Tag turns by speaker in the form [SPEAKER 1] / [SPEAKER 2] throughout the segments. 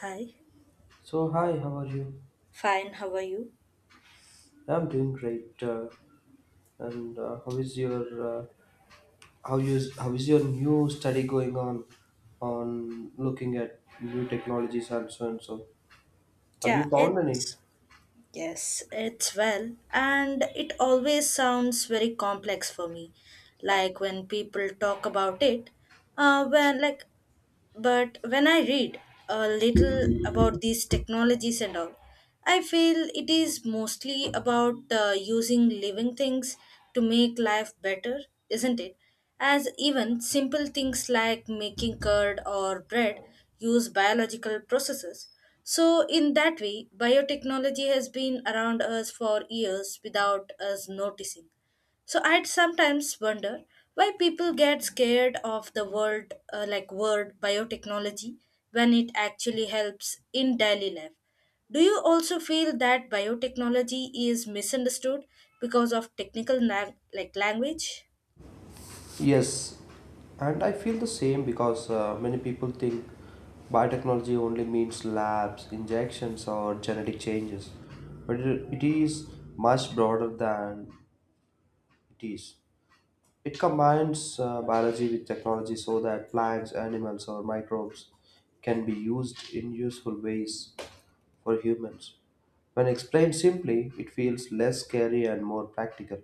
[SPEAKER 1] Hi.
[SPEAKER 2] So hi, how are you?
[SPEAKER 1] Fine, how are you?
[SPEAKER 2] I'm doing great. And uh, how is your new study going on looking at new technologies and so and so? Have
[SPEAKER 1] Yeah,
[SPEAKER 2] you found any?
[SPEAKER 1] it's yes, it's well, and it always sounds very complex for me. Like when people talk about it, when like But when I read a little about these technologies and all, I feel it is mostly about using living things to make life better, isn't it? As even simple things like making curd or bread use biological processes. So, in that way, biotechnology has been around us for years without us noticing. So I'd sometimes wonder why people get scared of the word biotechnology when it actually helps in daily life. Do you also feel that biotechnology is misunderstood because of technical lang- like language?
[SPEAKER 2] Yes, and I feel the same because many people think biotechnology only means labs, injections, or genetic changes, but it is much broader than it is. It combines biology with technology so that plants, animals, or microbes can be used in useful ways for humans. When explained simply, it feels less scary and more practical.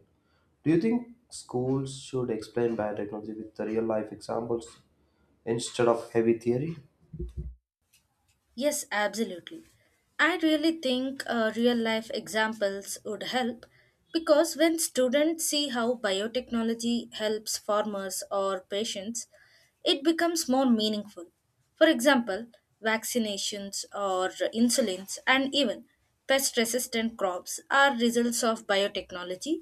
[SPEAKER 2] Do you think schools should explain biotechnology with the real life examples instead of heavy theory?
[SPEAKER 1] Yes, absolutely. I really think real life examples would help because when students see how biotechnology helps farmers or patients, it becomes more meaningful. For example, vaccinations or insulins and even pest resistant crops are results of biotechnology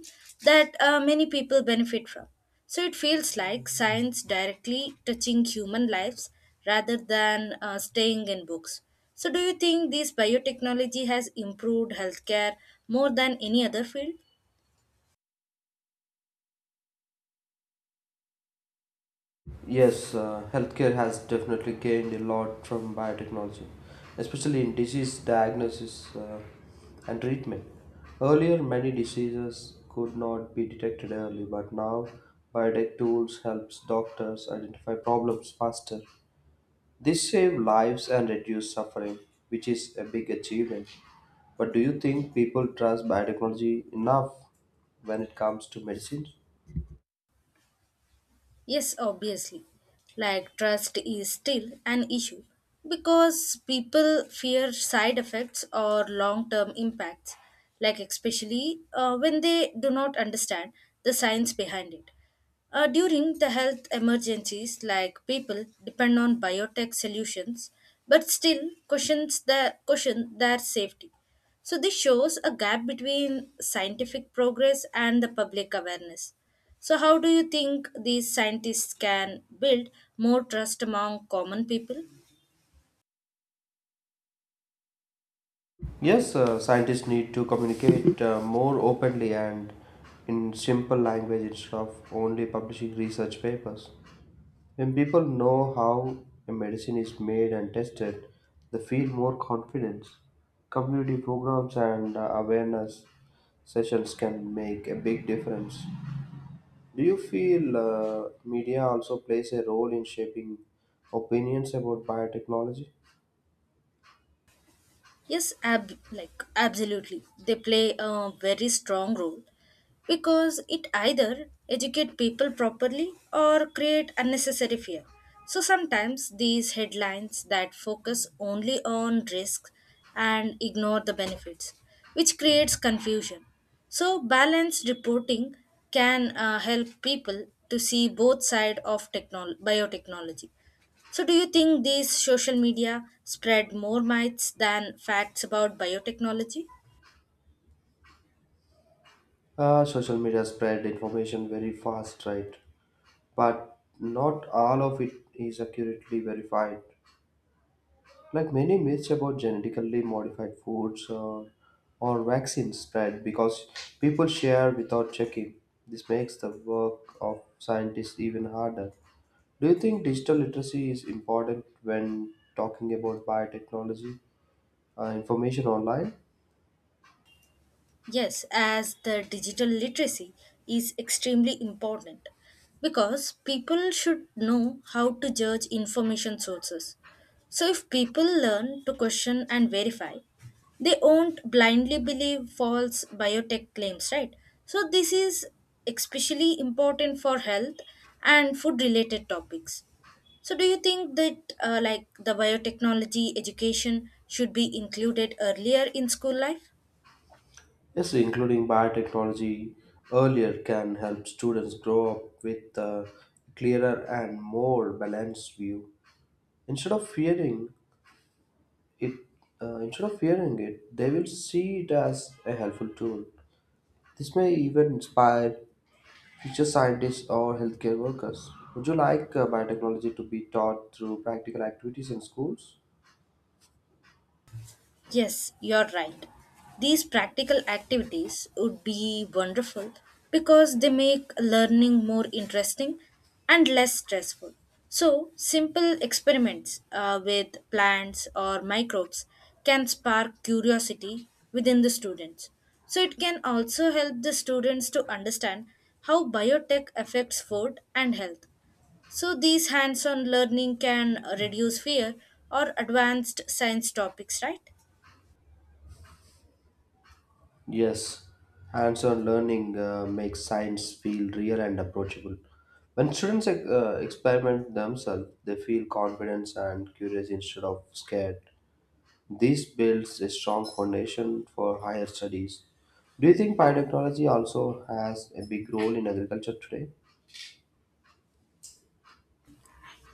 [SPEAKER 1] that many people benefit from. So it feels like science directly touching human lives rather than staying in books. So do you think this biotechnology has improved healthcare more than any other field?
[SPEAKER 2] Yes, healthcare has definitely gained a lot from biotechnology, especially in disease diagnosis and treatment. Earlier, many diseases could not be detected early, but now biotech tools helps doctors identify problems faster. This save lives and reduce suffering, which is a big achievement. But do you think people trust biotechnology enough when it comes to medicine?
[SPEAKER 1] Yes, obviously. Like trust is still an issue because people fear side effects or long-term impacts, like especially when they do not understand the science behind it. During the health emergencies, like people depend on biotech solutions, but still question their safety. So this shows a gap between scientific progress and the public awareness. So how do you think these scientists can build more trust among common people?
[SPEAKER 2] Yes, scientists need to communicate more openly and in simple language instead of only publishing research papers. When people know how a medicine is made and tested, they feel more confidence. Community programs and awareness sessions can make a big difference. Do you feel media also plays a role in shaping opinions about biotechnology?
[SPEAKER 1] Yes, absolutely. They play a very strong role because it either educate people properly or create unnecessary fear. So sometimes these headlines that focus only on risks and ignore the benefits, which creates confusion. So balanced reporting can help people to see both side of biotechnology. So, do you think these social media spread more myths than facts about biotechnology?
[SPEAKER 2] Social media spread information very fast, right? But not all of it is accurately verified. Like many myths about genetically modified foods or vaccines spread because people share without checking. This makes the work of scientists even harder. Do you think digital literacy is important when talking about biotechnology information online?
[SPEAKER 1] Yes, as the digital literacy is extremely important because people should know how to judge information sources. So, if people learn to question and verify, they won't blindly believe false biotech claims, right? So, this is especially important for health and food related topics. So, do you think that the biotechnology education should be included earlier in school life?
[SPEAKER 2] Yes, including biotechnology earlier can help students grow up with a clearer and more balanced view, instead of fearing it instead of fearing it. They will see it as a helpful tool. This may even inspire future scientists or healthcare workers. Would you like biotechnology to be taught through practical activities in schools?
[SPEAKER 1] Yes, you're right. These practical activities would be wonderful because they make learning more interesting and less stressful. So, simple experiments with plants or microbes can spark curiosity within the students. So, it can also help the students to understand how biotech affects food and health. So, these hands on learning can reduce fear or advanced science topics, right?
[SPEAKER 2] Yes, hands-on learning makes science feel real and approachable. When students experiment themselves, they feel confidence and curious instead of scared. This builds a strong foundation for higher studies. Do you think biotechnology also has a big role in agriculture today?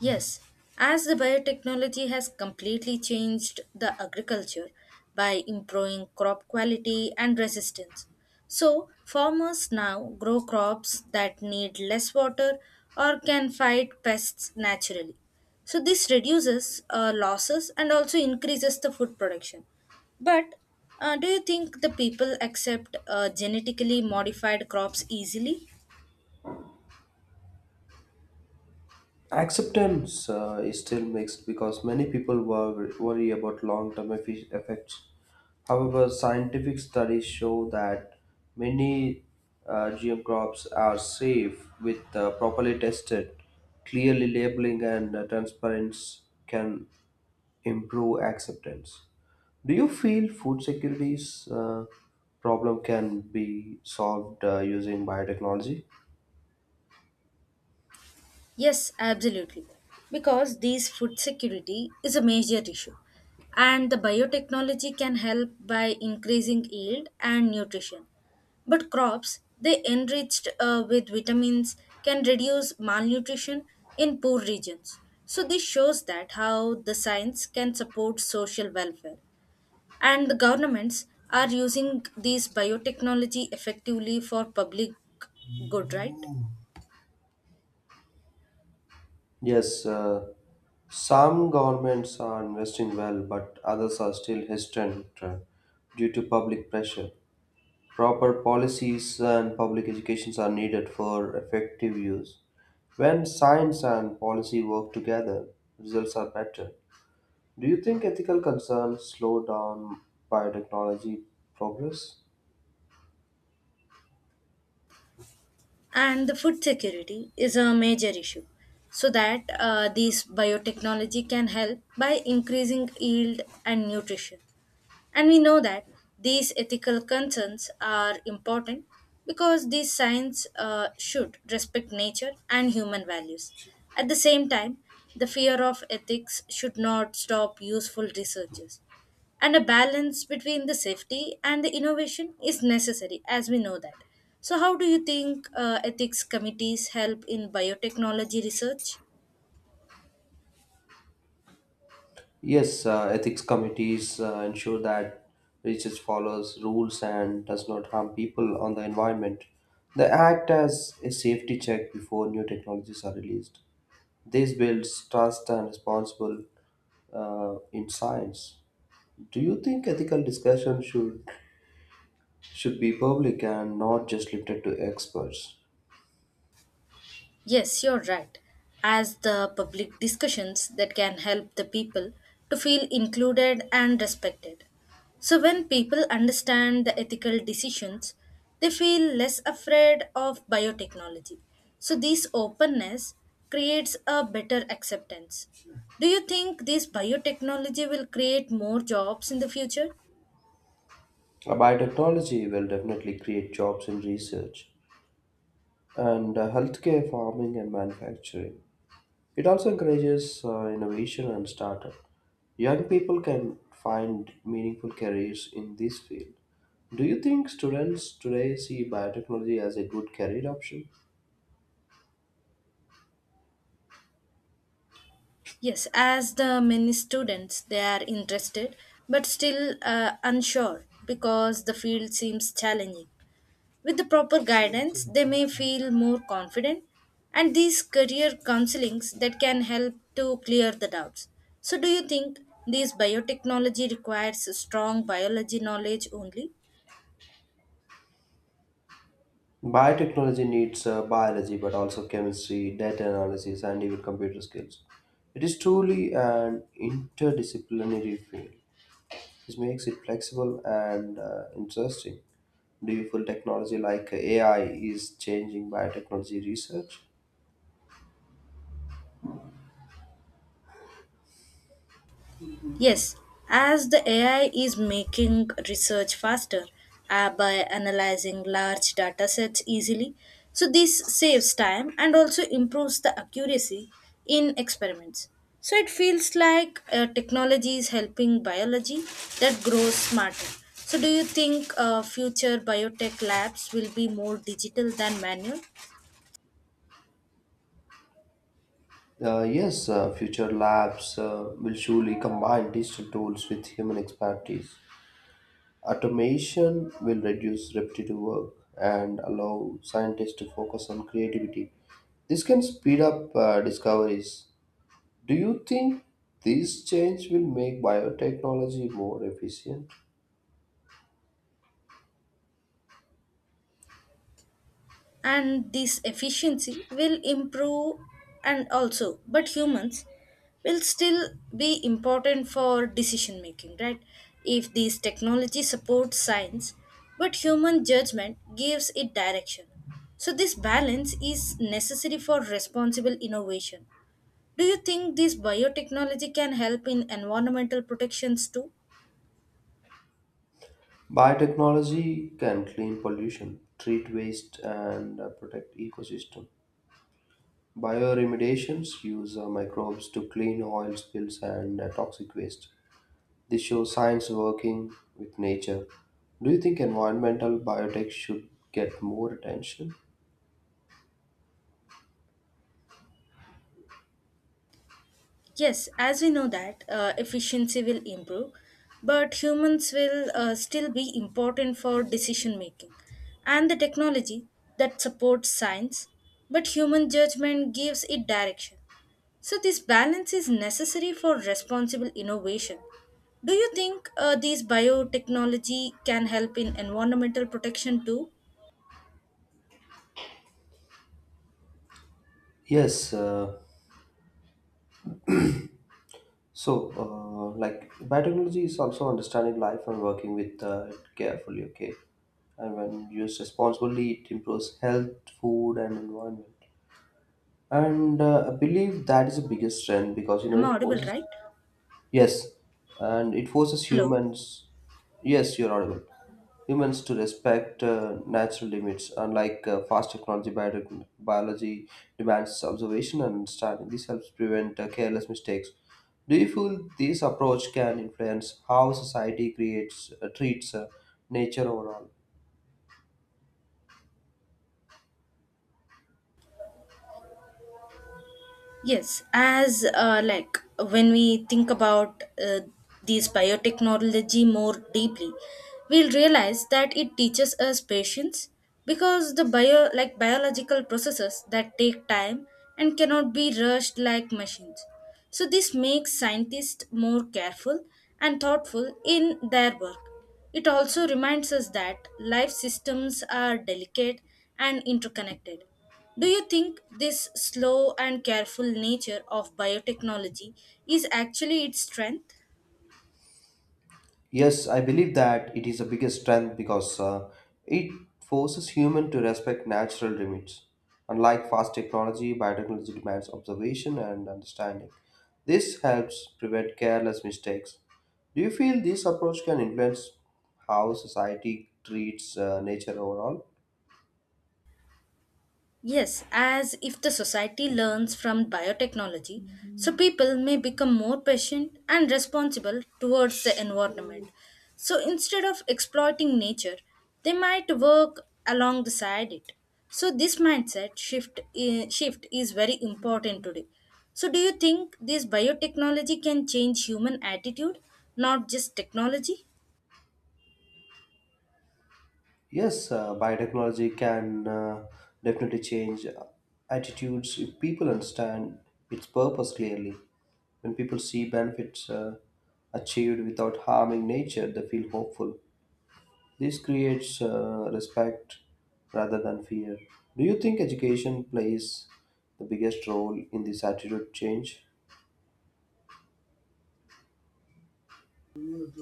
[SPEAKER 1] Yes, as the biotechnology has completely changed the agriculture by improving crop quality and resistance. So, farmers now grow crops that need less water or can fight pests naturally. So, this reduces losses and also increases the food production. But do you think the people accept genetically modified crops easily?
[SPEAKER 2] Acceptance is still mixed because many people worry about long term effects. However, scientific studies show that many GM crops are safe with properly tested, clearly labeling, and transparency can improve acceptance. Do you feel food security's problem can be solved using biotechnology?
[SPEAKER 1] Yes, absolutely. Because these food security is a major issue. And the biotechnology can help by increasing yield and nutrition. But crops, they enriched with vitamins, can reduce malnutrition in poor regions. So this shows that how the science can support social welfare. And the governments are using these biotechnology effectively for public good, right?
[SPEAKER 2] Yes, some governments are investing well, but others are still hesitant due to public pressure. Proper policies and public educations are needed for effective use. When science and policy work together, results are better. Do you think ethical concerns slow down biotechnology progress?
[SPEAKER 1] And the food security is a major issue. So that these biotechnology can help by increasing yield and nutrition. And we know that these ethical concerns are important because these science should respect nature and human values. At the same time, the fear of ethics should not stop useful researches and a balance between the safety and the innovation is necessary as we know that. So how do you think ethics committees help in biotechnology research?
[SPEAKER 2] Yes, ethics committees ensure that research follows rules and does not harm people on the environment. They act as a safety check before new technologies are released. This builds trust and responsible in science. Do you think ethical discussion should be public and not just limited to experts?
[SPEAKER 1] Yes, you're right. As the public discussions that can help the people to feel included and respected. So, when people understand the ethical decisions, they feel less afraid of biotechnology. So, this openness creates a better acceptance. Do you think this biotechnology will create more jobs in the future?
[SPEAKER 2] Biotechnology will definitely create jobs in research and healthcare, farming, and manufacturing. It also encourages innovation and startup. Young people can find meaningful careers in this field. Do you think students today see biotechnology as a good career option?
[SPEAKER 1] Yes, as the many students, they are interested but still unsure because the field seems challenging. With the proper guidance, they may feel more confident and these career counselings that can help to clear the doubts. So do you think these biotechnology requires a strong biology knowledge only?
[SPEAKER 2] Biotechnology needs biology, but also chemistry, data analysis, and even computer skills. It is truly an interdisciplinary field, which makes it flexible and interesting. Do you feel technology like AI is changing biotechnology research?
[SPEAKER 1] Yes, as the AI is making research faster by analyzing large data sets easily, so this saves time and also improves the accuracy in experiments. So it feels like technology is helping biology that grows smarter. So do you think future biotech labs will be more digital than manual?
[SPEAKER 2] Yes, future labs will surely combine digital tools with human expertise. Automation will reduce repetitive work and allow scientists to focus on creativity. This can speed up discoveries. Do you think this change will make biotechnology more efficient?
[SPEAKER 1] And this efficiency will improve and also but humans will still be important for decision making, right? If this technology supports science but human judgment gives it direction, so this balance is necessary for responsible innovation. Do you think this biotechnology can help in environmental protections too?
[SPEAKER 2] Biotechnology can clean pollution, treat waste, and protect ecosystem. Bioremediations use microbes to clean oil spills and toxic waste. This shows science working with nature. Do you think environmental biotech should get more attention?
[SPEAKER 1] Yes, as we know that efficiency will improve, but humans will still be important for decision making. And the technology that supports science, but human judgment gives it direction. So, this balance is necessary for responsible innovation. Do you think these biotechnology can help in environmental protection too?
[SPEAKER 2] Yes. Like, biotechnology is also understanding life and working with it carefully. Okay, and when used responsibly, it improves health, food, and environment. And I believe that is the biggest strength, because you know
[SPEAKER 1] Am I
[SPEAKER 2] it
[SPEAKER 1] audible,
[SPEAKER 2] forces.
[SPEAKER 1] right?
[SPEAKER 2] Yes, and it forces
[SPEAKER 1] Hello?
[SPEAKER 2] humans. Yes, you're audible. Humans to respect natural limits, unlike fast technology. Biology demands observation and understanding. This helps prevent careless mistakes. Do you feel this approach can influence how society creates treats nature overall?
[SPEAKER 1] Yes, as when we think about these biotechnology more deeply, we'll realize that it teaches us patience because the biological processes that take time and cannot be rushed like machines. So this makes scientists more careful and thoughtful in their work. It also reminds us that life systems are delicate and interconnected. Do you think this slow and careful nature of biotechnology is actually its strength?
[SPEAKER 2] Yes, I believe that it is the biggest strength because it forces human to respect natural limits. Unlike fast technology, biotechnology demands observation and understanding. This helps prevent careless mistakes. Do you feel this approach can influence how society treats nature overall?
[SPEAKER 1] Yes, as if the society learns from biotechnology, so people may become more patient and responsible towards the environment. So instead of exploiting nature, they might work along the side it. So this mindset shift is very important today. So do you think this biotechnology can change human attitude, not just technology?
[SPEAKER 2] Yes, biotechnology can definitely change attitudes if people understand its purpose clearly. When people see benefits achieved without harming nature, they feel hopeful. This creates respect rather than fear. Do you think education plays the biggest role in this attitude change?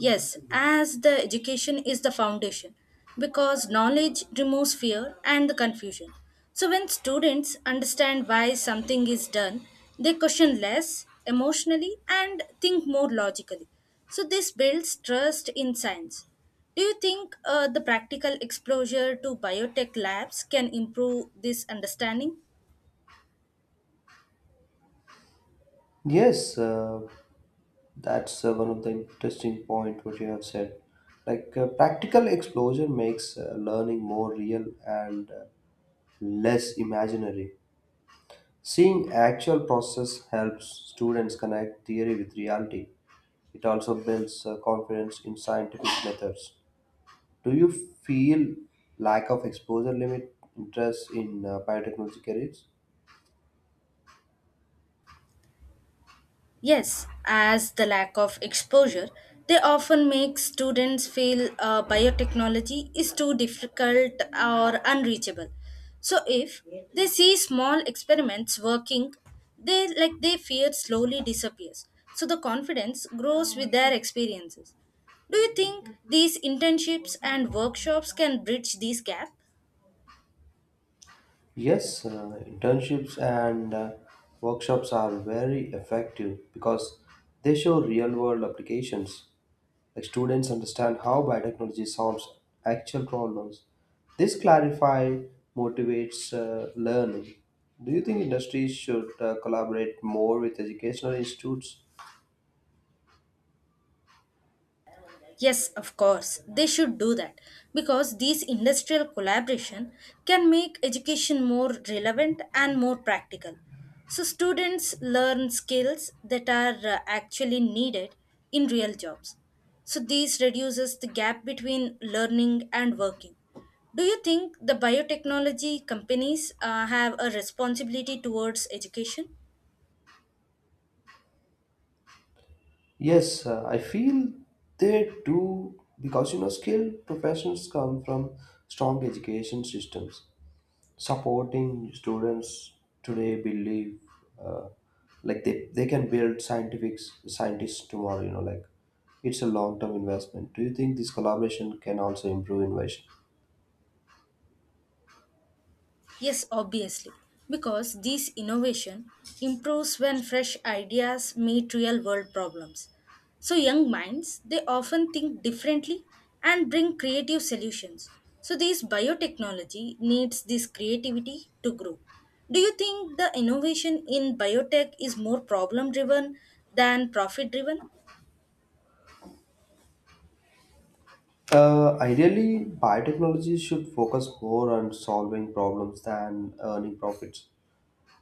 [SPEAKER 1] Yes, as the education is the foundation because knowledge removes fear and the confusion. So when students understand why something is done, they question less emotionally and think more logically. So this builds trust in science. Do you think the practical exposure to biotech labs can improve this understanding?
[SPEAKER 2] Yes, that's one of the interesting point what you have said. Like practical exposure makes learning more real and less imaginary. Seeing actual process helps students connect theory with reality. It also builds confidence in scientific methods. Do you feel lack of exposure limit interest in biotechnology careers?
[SPEAKER 1] Yes, as the lack of exposure, they often make students feel biotechnology is too difficult or unreachable. So if they see small experiments working, they like their fear slowly disappears. So the confidence grows with their experiences. Do you think these internships and workshops can bridge these gaps?
[SPEAKER 2] Yes, internships and workshops are very effective because they show real world applications. Like students understand how biotechnology solves actual problems. This clarify motivates learning. Do you think industries should collaborate more with educational institutes?
[SPEAKER 1] Yes, of course, they should do that because these industrial collaboration can make education more relevant and more practical. So students learn skills that are actually needed in real jobs. So this reduces the gap between learning and working. Do you think the biotechnology companies have a responsibility towards education?
[SPEAKER 2] Yes, I feel they do, because you know skilled professions come from strong education systems. Supporting students today, believe uh, like they can build scientific scientists tomorrow, you know, like it's a long-term investment. Do you think this collaboration can also improve innovation?
[SPEAKER 1] Yes, obviously, because these innovation improves when fresh ideas meet real world problems. So young minds, they often think differently and bring creative solutions. So this biotechnology needs this creativity to grow. Do you think the innovation in biotech is more problem driven than profit driven?
[SPEAKER 2] Ideally biotechnology should focus more on solving problems than earning profits.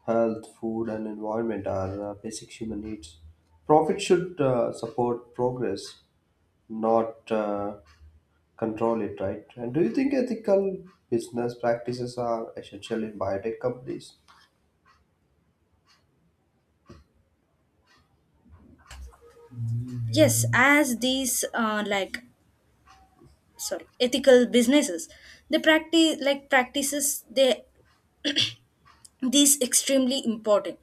[SPEAKER 2] Health food and environment are basic human needs. Profit should support progress, not control it, right? And do you think ethical business practices are essential in biotech companies?
[SPEAKER 1] Yes, as these like sorry ethical businesses, they practices they these extremely important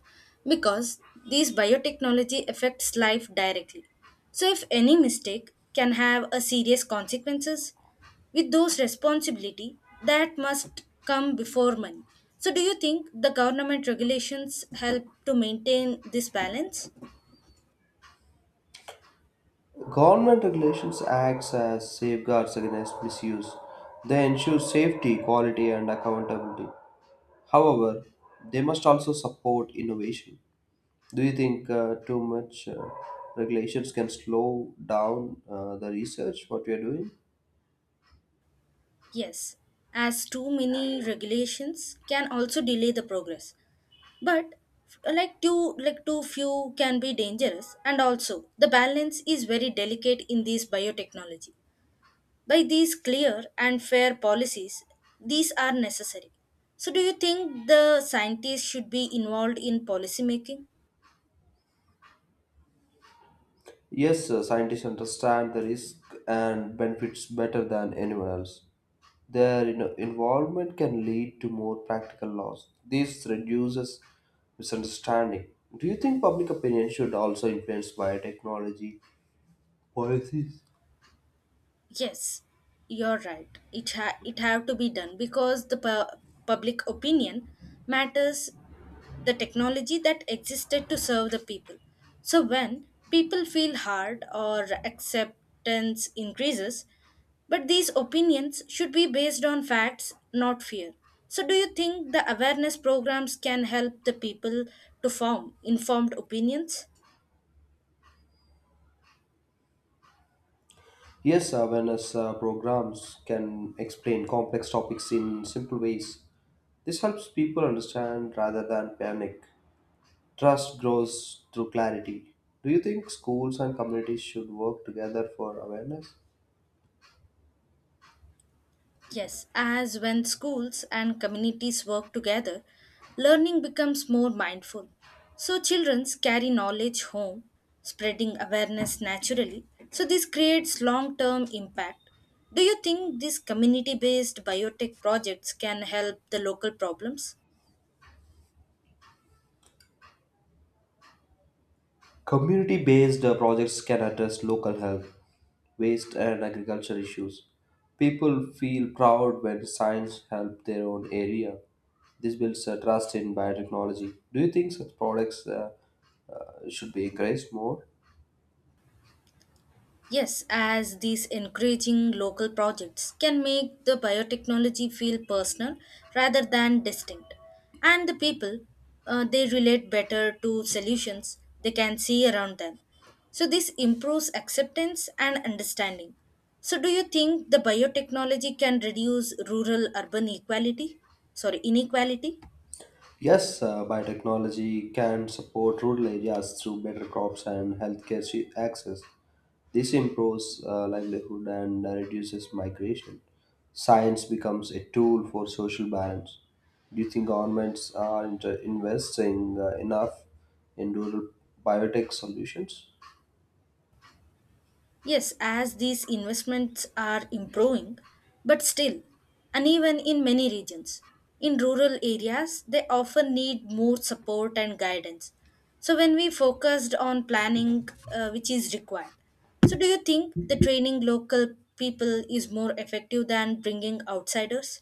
[SPEAKER 1] because these biotechnology affects life directly. So if any mistake can have a serious consequences with those responsibility that must come before money. So do you think the government regulations help to maintain this balance?
[SPEAKER 2] Government regulations acts as safeguards against misuse. They ensure safety, quality, and accountability. However, they must also support innovation. Do you think too much regulations can slow down the research? What we are doing?
[SPEAKER 1] Yes, as too many regulations can also delay the progress, but too few can be dangerous and also the balance is very delicate in this biotechnology. By these clear and fair policies, these are necessary. So do you think the scientists should be involved in policy making?
[SPEAKER 2] Yes, sir, scientists understand the risk and benefits better than anyone else. Their, you know, involvement can lead to more practical laws. This reduces misunderstanding. Do you think public opinion should also influence biotechnology policies?
[SPEAKER 1] Yes, you're right, it have to be done because the public opinion matters. The technology that existed to serve the people. So when people feel hard or acceptance increases, but these opinions should be based on facts, not fear. So do you think the awareness programs can help the people to form informed opinions?
[SPEAKER 2] Yes, awareness programs can explain complex topics in simple ways. This helps people understand rather than panic. Trust grows through clarity. Do you think schools and communities should work together for awareness?
[SPEAKER 1] Yes, as when schools and communities work together, learning becomes more mindful. So children carry knowledge home, spreading awareness naturally. So this creates long-term impact. Do you think these community-based biotech projects can help the local problems?
[SPEAKER 2] Community based projects can address local health, waste, and agriculture issues. People feel proud when science helps their own area. This builds a trust in biotechnology. Do you think such products should be encouraged more?
[SPEAKER 1] Yes, as these encouraging local projects can make the biotechnology feel personal rather than distinct. And the people, they relate better to solutions they can see around them. So, this improves acceptance and understanding. So, do you think the biotechnology can reduce rural urban equality? Sorry, inequality?
[SPEAKER 2] Yes, biotechnology can support rural areas through better crops and healthcare access. This improves livelihood and reduces migration. Science becomes a tool for social balance. Do you think governments are investing enough in rural biotech solutions?
[SPEAKER 1] Yes, as these investments are improving, but still uneven in many regions. In rural areas, they often need more support and guidance. So, when we focused on planning, which is required, so do you think the training local people is more effective than bringing outsiders?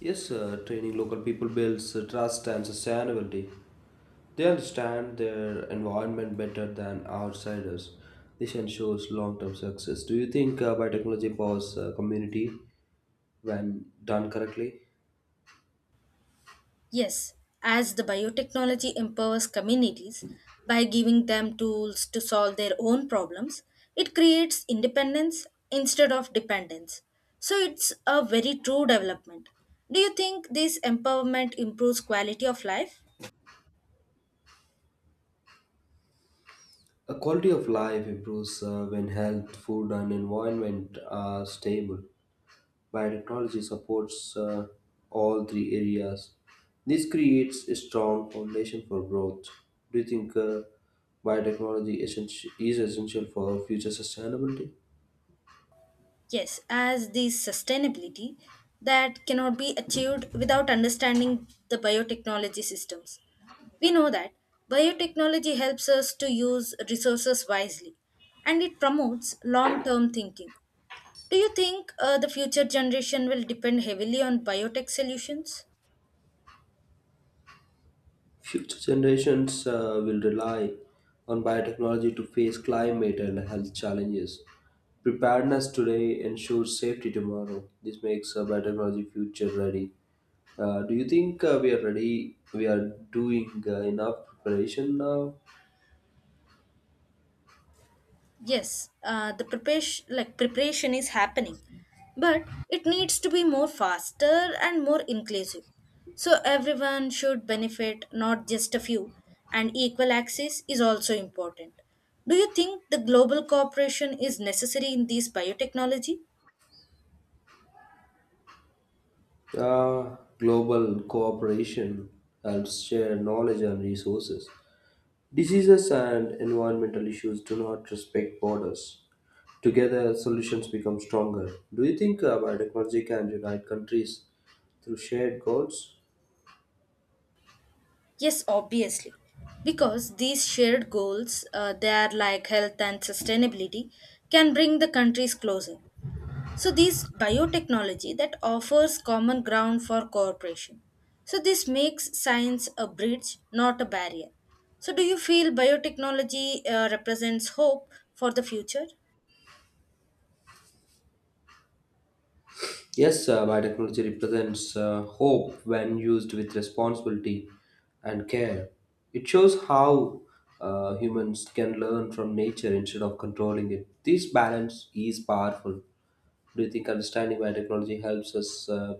[SPEAKER 2] Yes, training local people builds trust and sustainability. They understand their environment better than outsiders. This ensures long term success. Do you think biotechnology powers community when done correctly?
[SPEAKER 1] Yes, as the biotechnology empowers communities by giving them tools to solve their own problems, it creates independence instead of dependence. So it's a very true development. Do you think this empowerment improves quality of life?
[SPEAKER 2] A quality of life improves when health, food, and environment are stable. Biotechnology supports all three areas. This creates a strong foundation for growth. Do you think biotechnology is essential for future sustainability?
[SPEAKER 1] Yes, as the sustainability that cannot be achieved without understanding the biotechnology systems. We know that biotechnology helps us to use resources wisely and it promotes long term thinking. Do you think the future generation will depend heavily on biotech solutions?
[SPEAKER 2] Future generations will rely on biotechnology to face climate and health challenges. Preparedness today ensures safety tomorrow. This makes biotechnology future ready. Do you think we are ready? We are doing enough preparation now.
[SPEAKER 1] Yes, the preparation, like preparation is happening, but it needs to be more faster and more inclusive. So everyone should benefit, not just a few, and equal access is also important. Do you think the global cooperation is necessary in this biotechnology?
[SPEAKER 2] Global cooperation helps share knowledge and resources. Diseases and environmental issues do not respect borders. Together, solutions become stronger. Do you think biotechnology can unite countries through shared goals?
[SPEAKER 1] Yes, obviously. Because these shared goals, they are like health and sustainability, can bring the countries closer. So, these biotechnology that offers common ground for cooperation. So, this makes science a bridge, not a barrier. So, do you feel biotechnology represents hope for the future?
[SPEAKER 2] Yes, biotechnology represents hope when used with responsibility and care. It shows how humans can learn from nature instead of controlling it. This balance is powerful. Do you think understanding biotechnology helps us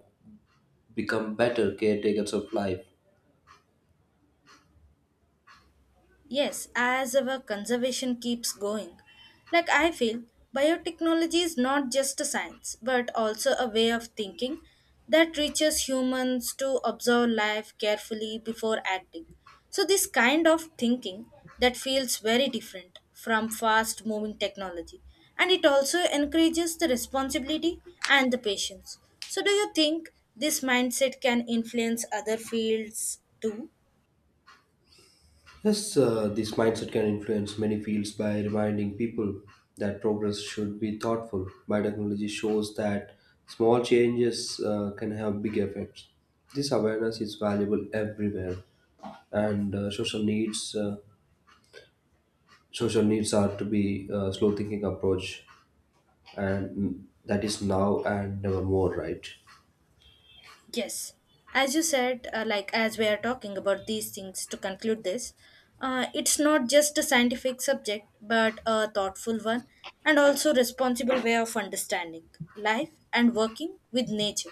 [SPEAKER 2] become better caretakers of life?
[SPEAKER 1] Yes, as our conservation keeps going. Like I feel, biotechnology is not just a science, but also a way of thinking that reaches humans to observe life carefully before acting. So, this kind of thinking that feels very different from fast moving technology and it also encourages the responsibility and the patience. So, do you think this mindset can influence other fields too?
[SPEAKER 2] Yes, this mindset can influence many fields by reminding people that progress should be thoughtful. Biotechnology shows that small changes can have big effects. This awareness is valuable everywhere, and social needs are to be slow thinking approach, and that is now and never more, right?
[SPEAKER 1] Yes, as you said, as we are talking about these things to conclude this, it's not just a scientific subject, but a thoughtful one and also responsible way of understanding life and working with nature.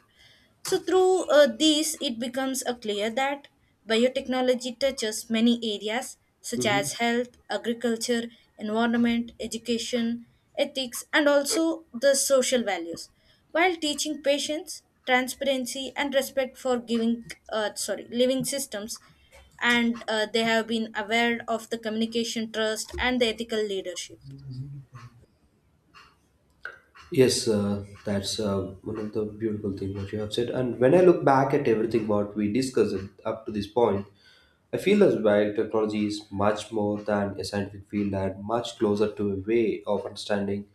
[SPEAKER 1] So, through these, it becomes clear that biotechnology touches many areas such
[SPEAKER 2] Hmm.
[SPEAKER 1] as health, agriculture, environment, education, ethics, and also the social values while teaching patience, transparency, and respect for giving sorry living systems. And they have been aware of the communication trust and the ethical leadership.
[SPEAKER 2] Yes, that's one of the beautiful things what you have said. And when I look back at everything what we discussed up to this point, I feel as well technology is much more than a scientific field and much closer to a way of understanding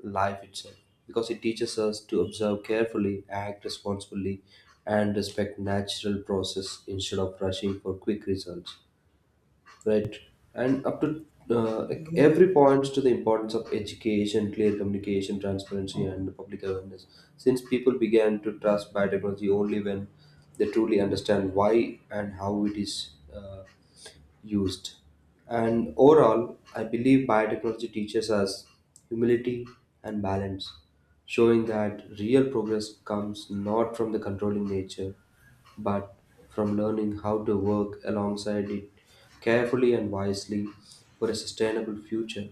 [SPEAKER 2] life itself, because it teaches us to observe carefully, act responsibly, and respect natural process instead of rushing for quick results. Right, and up to like every points to the importance of education, clear communication, transparency, and public awareness. Since people began to trust biotechnology only when they truly understand why and how it is. Used. And overall, I believe biotechnology teaches us humility and balance, showing that real progress comes not from the controlling nature, but from learning how to work alongside it carefully and wisely for a sustainable future.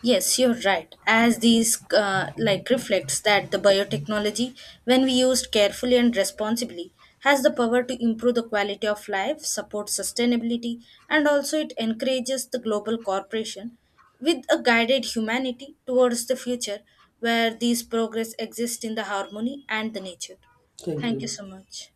[SPEAKER 1] Yes, you're right. As these reflects that the biotechnology, when we used carefully and responsibly, has the power to improve the quality of life, support sustainability, and also it encourages the global corporation with a guided humanity towards the future where these progress exist in the harmony and the nature.
[SPEAKER 2] Thank
[SPEAKER 1] Thank you so
[SPEAKER 2] you.
[SPEAKER 1] much.